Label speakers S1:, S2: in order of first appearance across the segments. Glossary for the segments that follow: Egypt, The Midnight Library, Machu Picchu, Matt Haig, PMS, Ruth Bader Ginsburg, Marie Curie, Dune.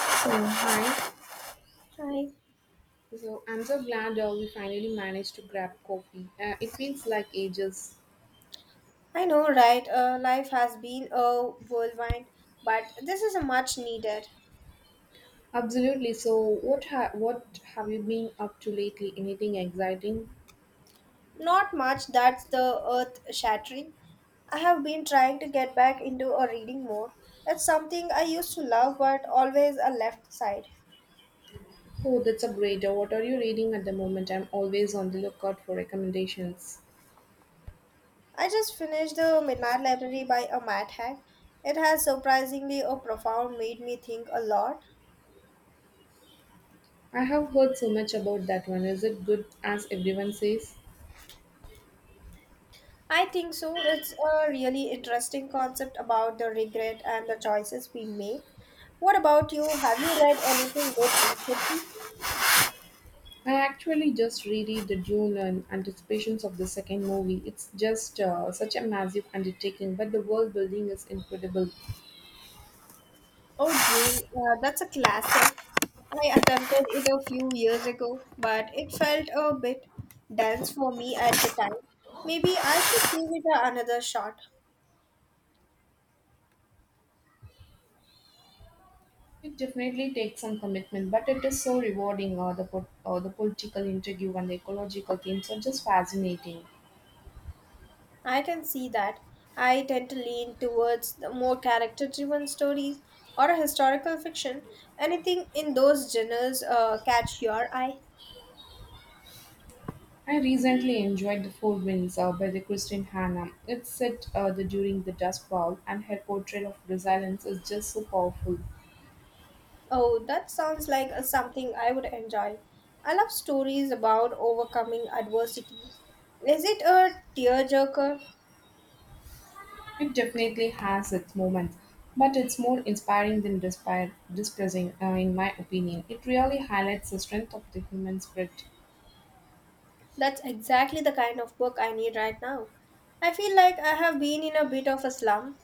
S1: Oh, hi.
S2: Hi.
S1: So I'm so glad we finally managed to grab coffee. It feels like ages.
S2: I know, right? Life has been a whirlwind, but this is a much needed.
S1: Absolutely. So what have you been up to lately? Anything exciting?
S2: Not much that's the earth shattering. I have been trying to get back into a reading more. It's something I used to love, but always a left side.
S1: Oh, that's a great. What are you reading at the moment? I'm always on the lookout for recommendations.
S2: I just finished The Midnight Library by a Matt Haig. It has surprisingly a profound made me think a lot.
S1: I have heard so much about that one. Is it good as everyone says?
S2: I think so. It's a really interesting concept about the regret and the choices we make. What about you? Have you read anything good recently?
S1: I actually just reread the Dune and anticipations of the second movie. It's just such a massive undertaking, but the world building is incredible.
S2: Oh, Dune. That's a classic. I attempted it a few years ago, but it felt a bit dense for me at the time. Maybe I should give another shot.
S1: It definitely takes some commitment, but it is so rewarding. Or the political interview and the ecological themes are just fascinating.
S2: I can see that. I tend to lean towards the more character driven stories or historical fiction. Anything in those genres catch your eye?
S1: I recently enjoyed the Four Winds by the Christine Hanna. It's set during the Dust Bowl, and her portrait of resilience is just so powerful.
S2: Oh, that sounds like something I would enjoy. I love stories about overcoming adversity. Is it a tearjerker?
S1: It definitely has its moments, but it's more inspiring than despair, depressing, in my opinion. It really highlights the strength of the human spirit.
S2: That's exactly the kind of book I need right now. I feel like I have been in a bit of a slump.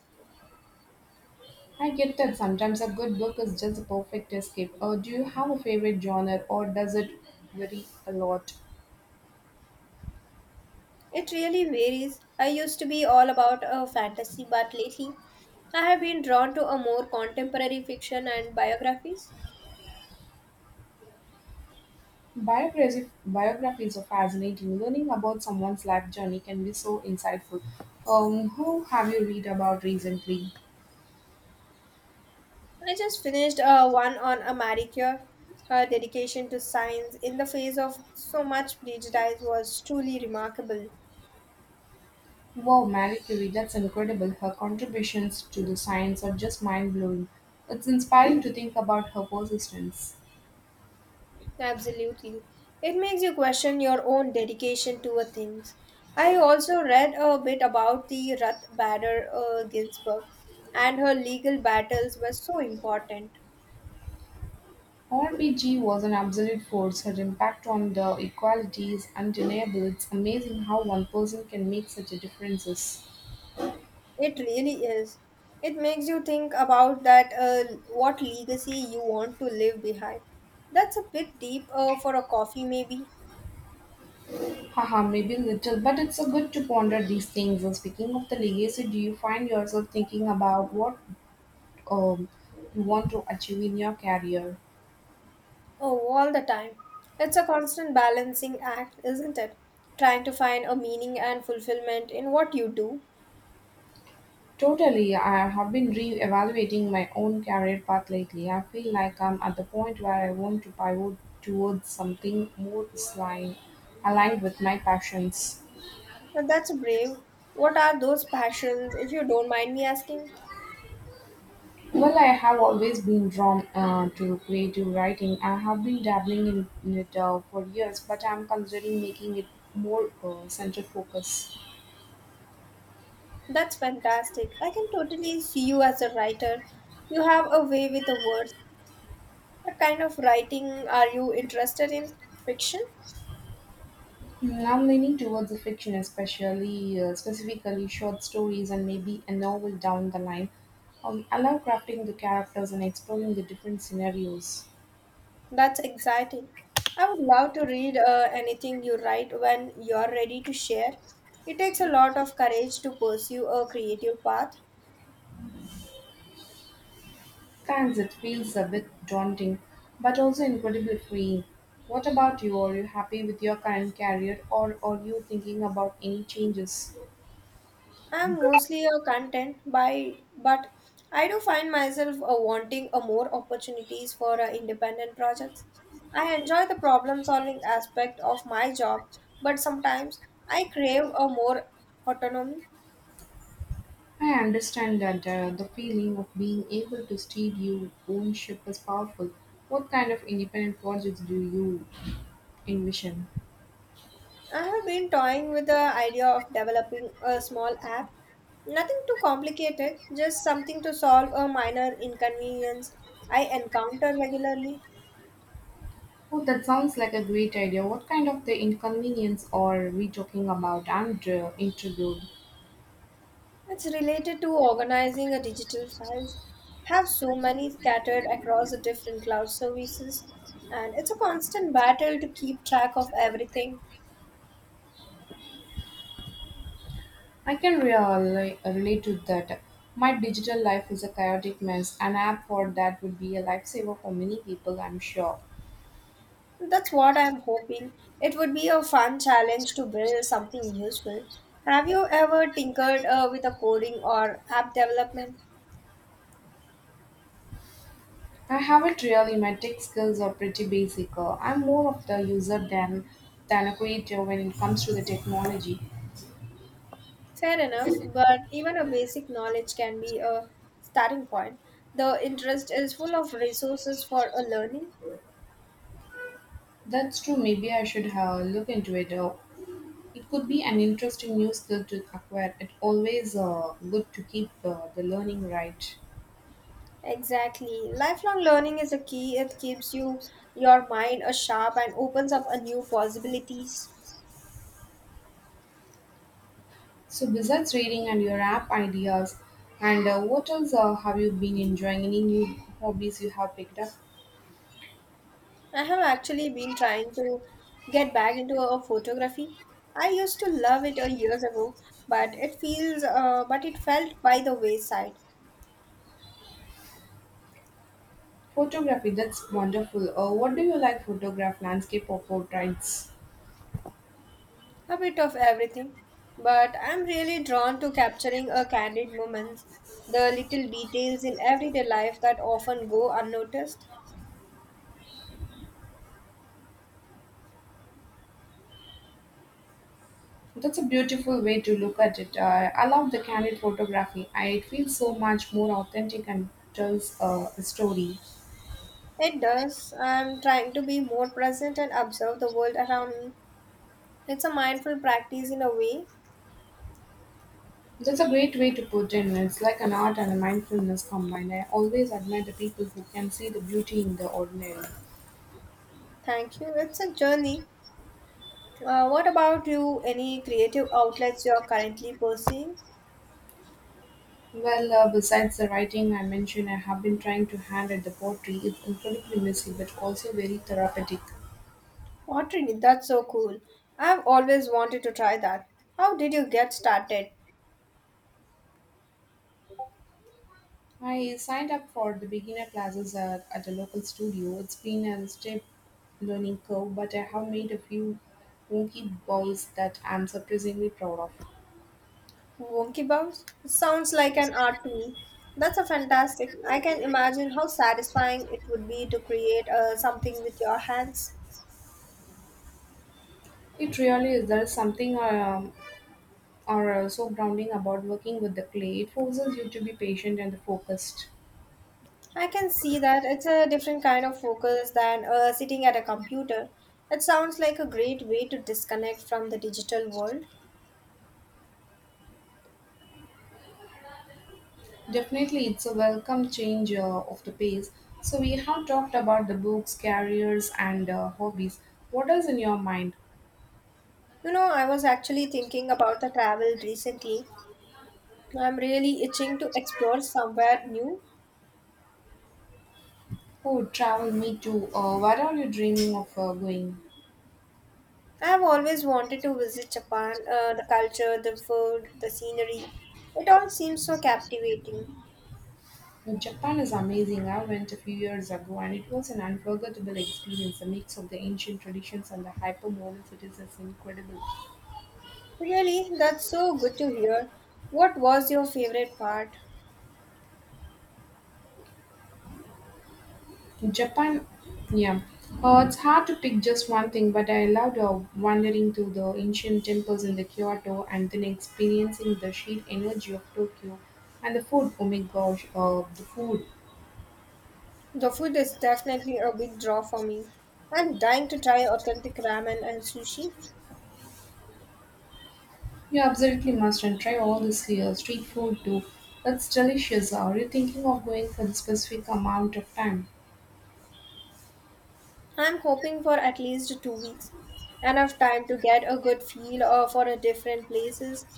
S1: I get that sometimes a good book is just the perfect escape. Do you have a favorite genre or does it vary a lot?
S2: It really varies. I used to be all about a fantasy, but lately I have been drawn to a more contemporary fiction and biographies.
S1: Biographies are fascinating. Learning about someone's life journey can be so insightful. Who have you read about recently?
S2: I just finished one on a Marie Curie. Her dedication to science in the face of so much prejudice was truly remarkable.
S1: Wow, Marie Curie, that's incredible. Her contributions to the science are just mind blowing. It's inspiring to think about her persistence.
S2: Absolutely. It makes you question your own dedication to a things. I also read a bit about the Ruth Bader Ginsburg, and her legal battles were so important.
S1: R. B. G. was an absolute force, her impact on the equality is undeniable. It's amazing how one person can make such a differences.
S2: It really is. It makes you think about that what legacy you want to leave behind. That's a bit deep for a coffee, maybe.
S1: Haha, maybe little, but it's a good to ponder these things. And speaking of the legacy, do you find yourself thinking about what um, you want to achieve in your career?
S2: Oh, all the time. It's a constant balancing act, isn't it? Trying to find a meaning and fulfillment in what you do.
S1: Totally, I have been re-evaluating my own career path lately. I feel like I'm at the point where I want to pivot towards something more aligned aligned with my passions.
S2: And that's brave. What are those passions, if you don't mind me asking?
S1: Well, I have always been drawn to creative writing. I have been dabbling in it for years, but I'm considering making it more center focus.
S2: That's fantastic. I can totally see you as a writer. You have a way with the words. What kind of writing are you interested in? Fiction?
S1: Mm, I'm leaning towards the fiction, especially specifically short stories and maybe a novel down the line. I love crafting the characters and exploring the different scenarios.
S2: That's exciting. I would love to read anything you write when you're ready to share. It takes a lot of courage to pursue a creative path.
S1: Thanks, it feels a bit daunting, but also incredibly freeing. What about you? Are you happy with your current career, or are you thinking about any changes?
S2: I'm mostly a content by, but I do find myself wanting more opportunities for independent projects. I enjoy the problem solving aspect of my job, but sometimes I crave a more autonomy.
S1: I understand that the feeling of being able to steer your own ship is powerful. What kind of independent projects do you envision?
S2: I have been toying with the idea of developing a small app. Nothing too complicated, just something to solve a minor inconvenience I encounter regularly.
S1: Oh, that sounds like a great idea. What kind of the inconvenience are we talking about? I'm intrigued.
S2: It's related to organizing a digital files. Have so many scattered across the different cloud services, and it's a constant battle to keep track of everything.
S1: I can really relate to that. My digital life is a chaotic mess. An app for that would be a lifesaver for many people, I'm sure.
S2: That's what I'm hoping. It would be a fun challenge to build something useful. Have you ever tinkered with a coding or app development?
S1: I haven't really. My tech skills are pretty basic. I'm more of the user than a creator when it comes to the technology.
S2: Fair enough, but even a basic knowledge can be a starting point. The interest is full of resources for a learning.
S1: That's true. Maybe I should look into it. It could be an interesting new skill to acquire. It's always good to keep the learning right.
S2: Exactly. Lifelong learning is a key. It keeps you your mind a sharp and opens up a new possibilities.
S1: So besides reading and your app ideas, and what else have you been enjoying? Any new hobbies you have picked up?
S2: I have actually been trying to get back into a photography. I used to love it a years ago, but it felt by the wayside.
S1: Photography. That's wonderful. What do you like? Photograph, landscape, or portraits?
S2: A bit of everything, but I'm really drawn to capturing a candid moments, the little details in everyday life that often go unnoticed.
S1: That's a beautiful way to look at it. I love the candid photography. It feels so much more authentic and tells a story.
S2: It does. I'm trying to be more present and observe the world around me. It's a mindful practice in a way.
S1: That's a great way to put in. It's like an art and a mindfulness combined. I always admire the people who can see the beauty in the ordinary.
S2: Thank you. It's a journey. What about you? Any creative outlets you're currently pursuing?
S1: Well, besides the writing I mentioned, I have been trying to hand at the pottery. It's incredibly messy but also very therapeutic.
S2: Pottery, that's so cool. I've always wanted to try that. How did you get started?
S1: I signed up for the beginner classes at a local studio. It's been a steep learning curve, but I have made a few wonky balls that I'm surprisingly proud of.
S2: Wonky Bounce? Sounds like an art to me. That's a fantastic. I can imagine how satisfying it would be to create something with your hands.
S1: It really is. There's something or so grounding about working with the clay. It forces you to be patient and focused.
S2: I can see that it's a different kind of focus than sitting at a computer. It sounds like a great way to disconnect from the digital world.
S1: Definitely, it's a welcome change of the pace. So we have talked about the books, careers, and hobbies. What is in your mind?
S2: You know, I was actually thinking about the travel recently. I'm really itching to explore somewhere new.
S1: Oh, travel, me too. Where are you dreaming of going?
S2: I've always wanted to visit Japan. The culture, the food, the scenery. It all seems so captivating.
S1: Japan is amazing. I went a few years ago and it was an unforgettable experience. The mix of the ancient traditions and the hyper modern cities is incredible.
S2: Really, that's so good to hear. What was your favorite part?
S1: Japan, yeah, it's hard to pick just one thing, but I loved wandering through the ancient temples in the Kyoto and then experiencing the sheer energy of Tokyo and the food. Oh my gosh, the food!
S2: The food is definitely a big draw for me. I'm dying to try authentic ramen and sushi.
S1: You absolutely must and try all this here street food too. That's delicious. Are you thinking of going for the specific amount of time?
S2: I'm hoping for at least 2 weeks. Enough time to get a good feel for a different places.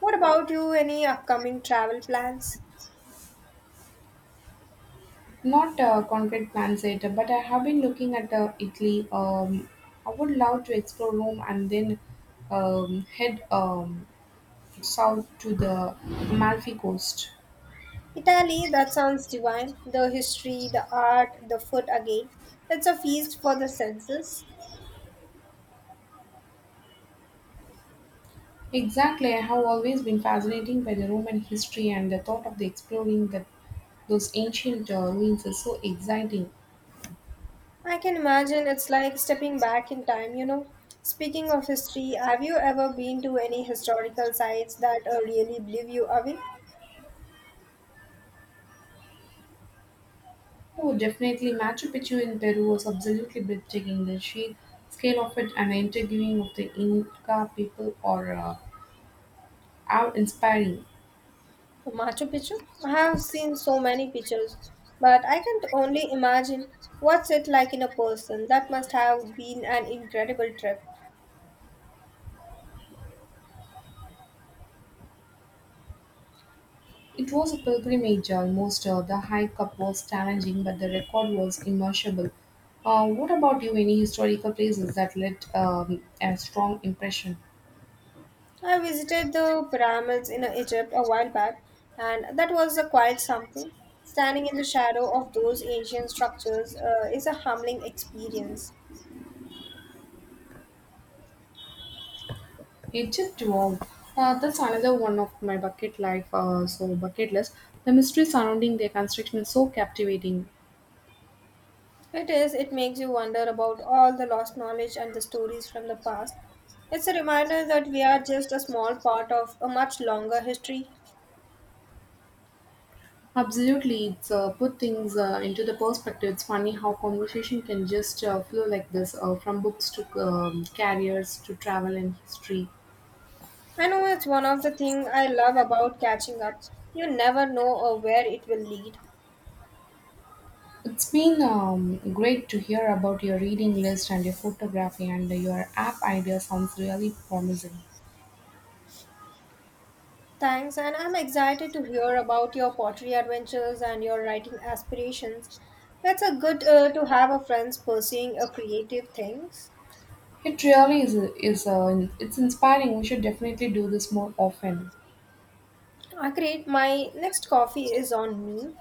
S2: What about you? Any upcoming travel plans?
S1: Not concrete plans yet, but I have been looking at Italy. I would love to explore Rome and then head south to the Amalfi Coast.
S2: Italy, that sounds divine. The history, the art, the food again. It's a feast for the senses.
S1: Exactly, I have always been fascinated by the Roman history and the thought of the exploring that those ancient ruins is so exciting.
S2: I can imagine it's like stepping back in time, you know. Speaking of history, have you ever been to any historical sites that really blew you away?
S1: Oh, definitely, Machu Picchu in Peru was absolutely breathtaking. The sheer scale of it and the interviewing of the Inca people are inspiring.
S2: Machu Picchu? I have seen so many pictures, but I can only imagine what's it like in a person. That must have been an incredible trip.
S1: It was a pilgrimage almost, the hike up was challenging, but the record was immeasurable. What about you? Any historical places that left a strong impression?
S2: I visited the pyramids in Egypt a while back, and that was a quite something. Standing in the shadow of those ancient structures is a humbling experience.
S1: Egypt wow. That's another one of my bucket life, so bucket list. The mystery surrounding their construction is so captivating.
S2: It is, it makes you wonder about all the lost knowledge and the stories from the past. It's a reminder that we are just a small part of a much longer history.
S1: Absolutely, it's put things into the perspective. It's funny how conversation can just flow like this, from books to carriers to travel and history.
S2: I know it's one of the things I love about catching up. You never know where it will lead.
S1: It's been great to hear about your reading list and your photography and your app idea sounds really promising.
S2: Thanks, and I'm excited to hear about your pottery adventures and your writing aspirations. That's a good to have a friends pursuing a creative things.
S1: It really is, it's inspiring. We should definitely do this more often.
S2: I create my next coffee is on me.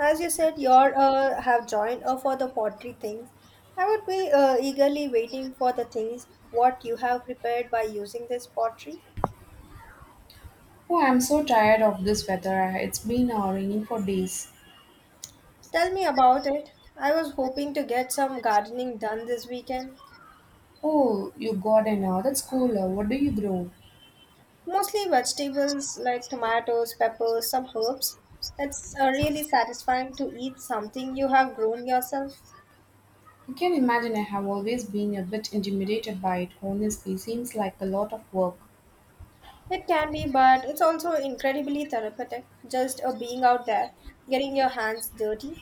S2: As you said, you have joined for the pottery things. I would be eagerly waiting for the things what you have prepared by using this pottery.
S1: Oh, I'm so tired of this weather. It's been raining for days.
S2: Tell me about it. I was hoping to get some gardening done this weekend.
S1: Oh, you got an that's cool. What do you grow?
S2: Mostly vegetables like tomatoes, peppers, some herbs. It's really satisfying to eat something you have grown yourself.
S1: I can imagine I have always been a bit intimidated by it. Honestly, seems like a lot of work.
S2: It can be, but it's also incredibly therapeutic just being out there, getting your hands dirty.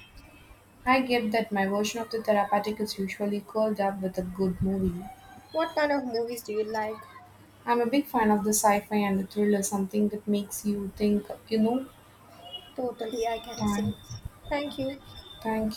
S1: I get that my version of the therapeutic is usually curled up with a good movie.
S2: What kind of movies do you like?
S1: I'm a big fan of the sci-fi and the thriller, something that makes you think, you know.
S2: Totally, I can
S1: Thank,
S2: say. Thank you.
S1: thank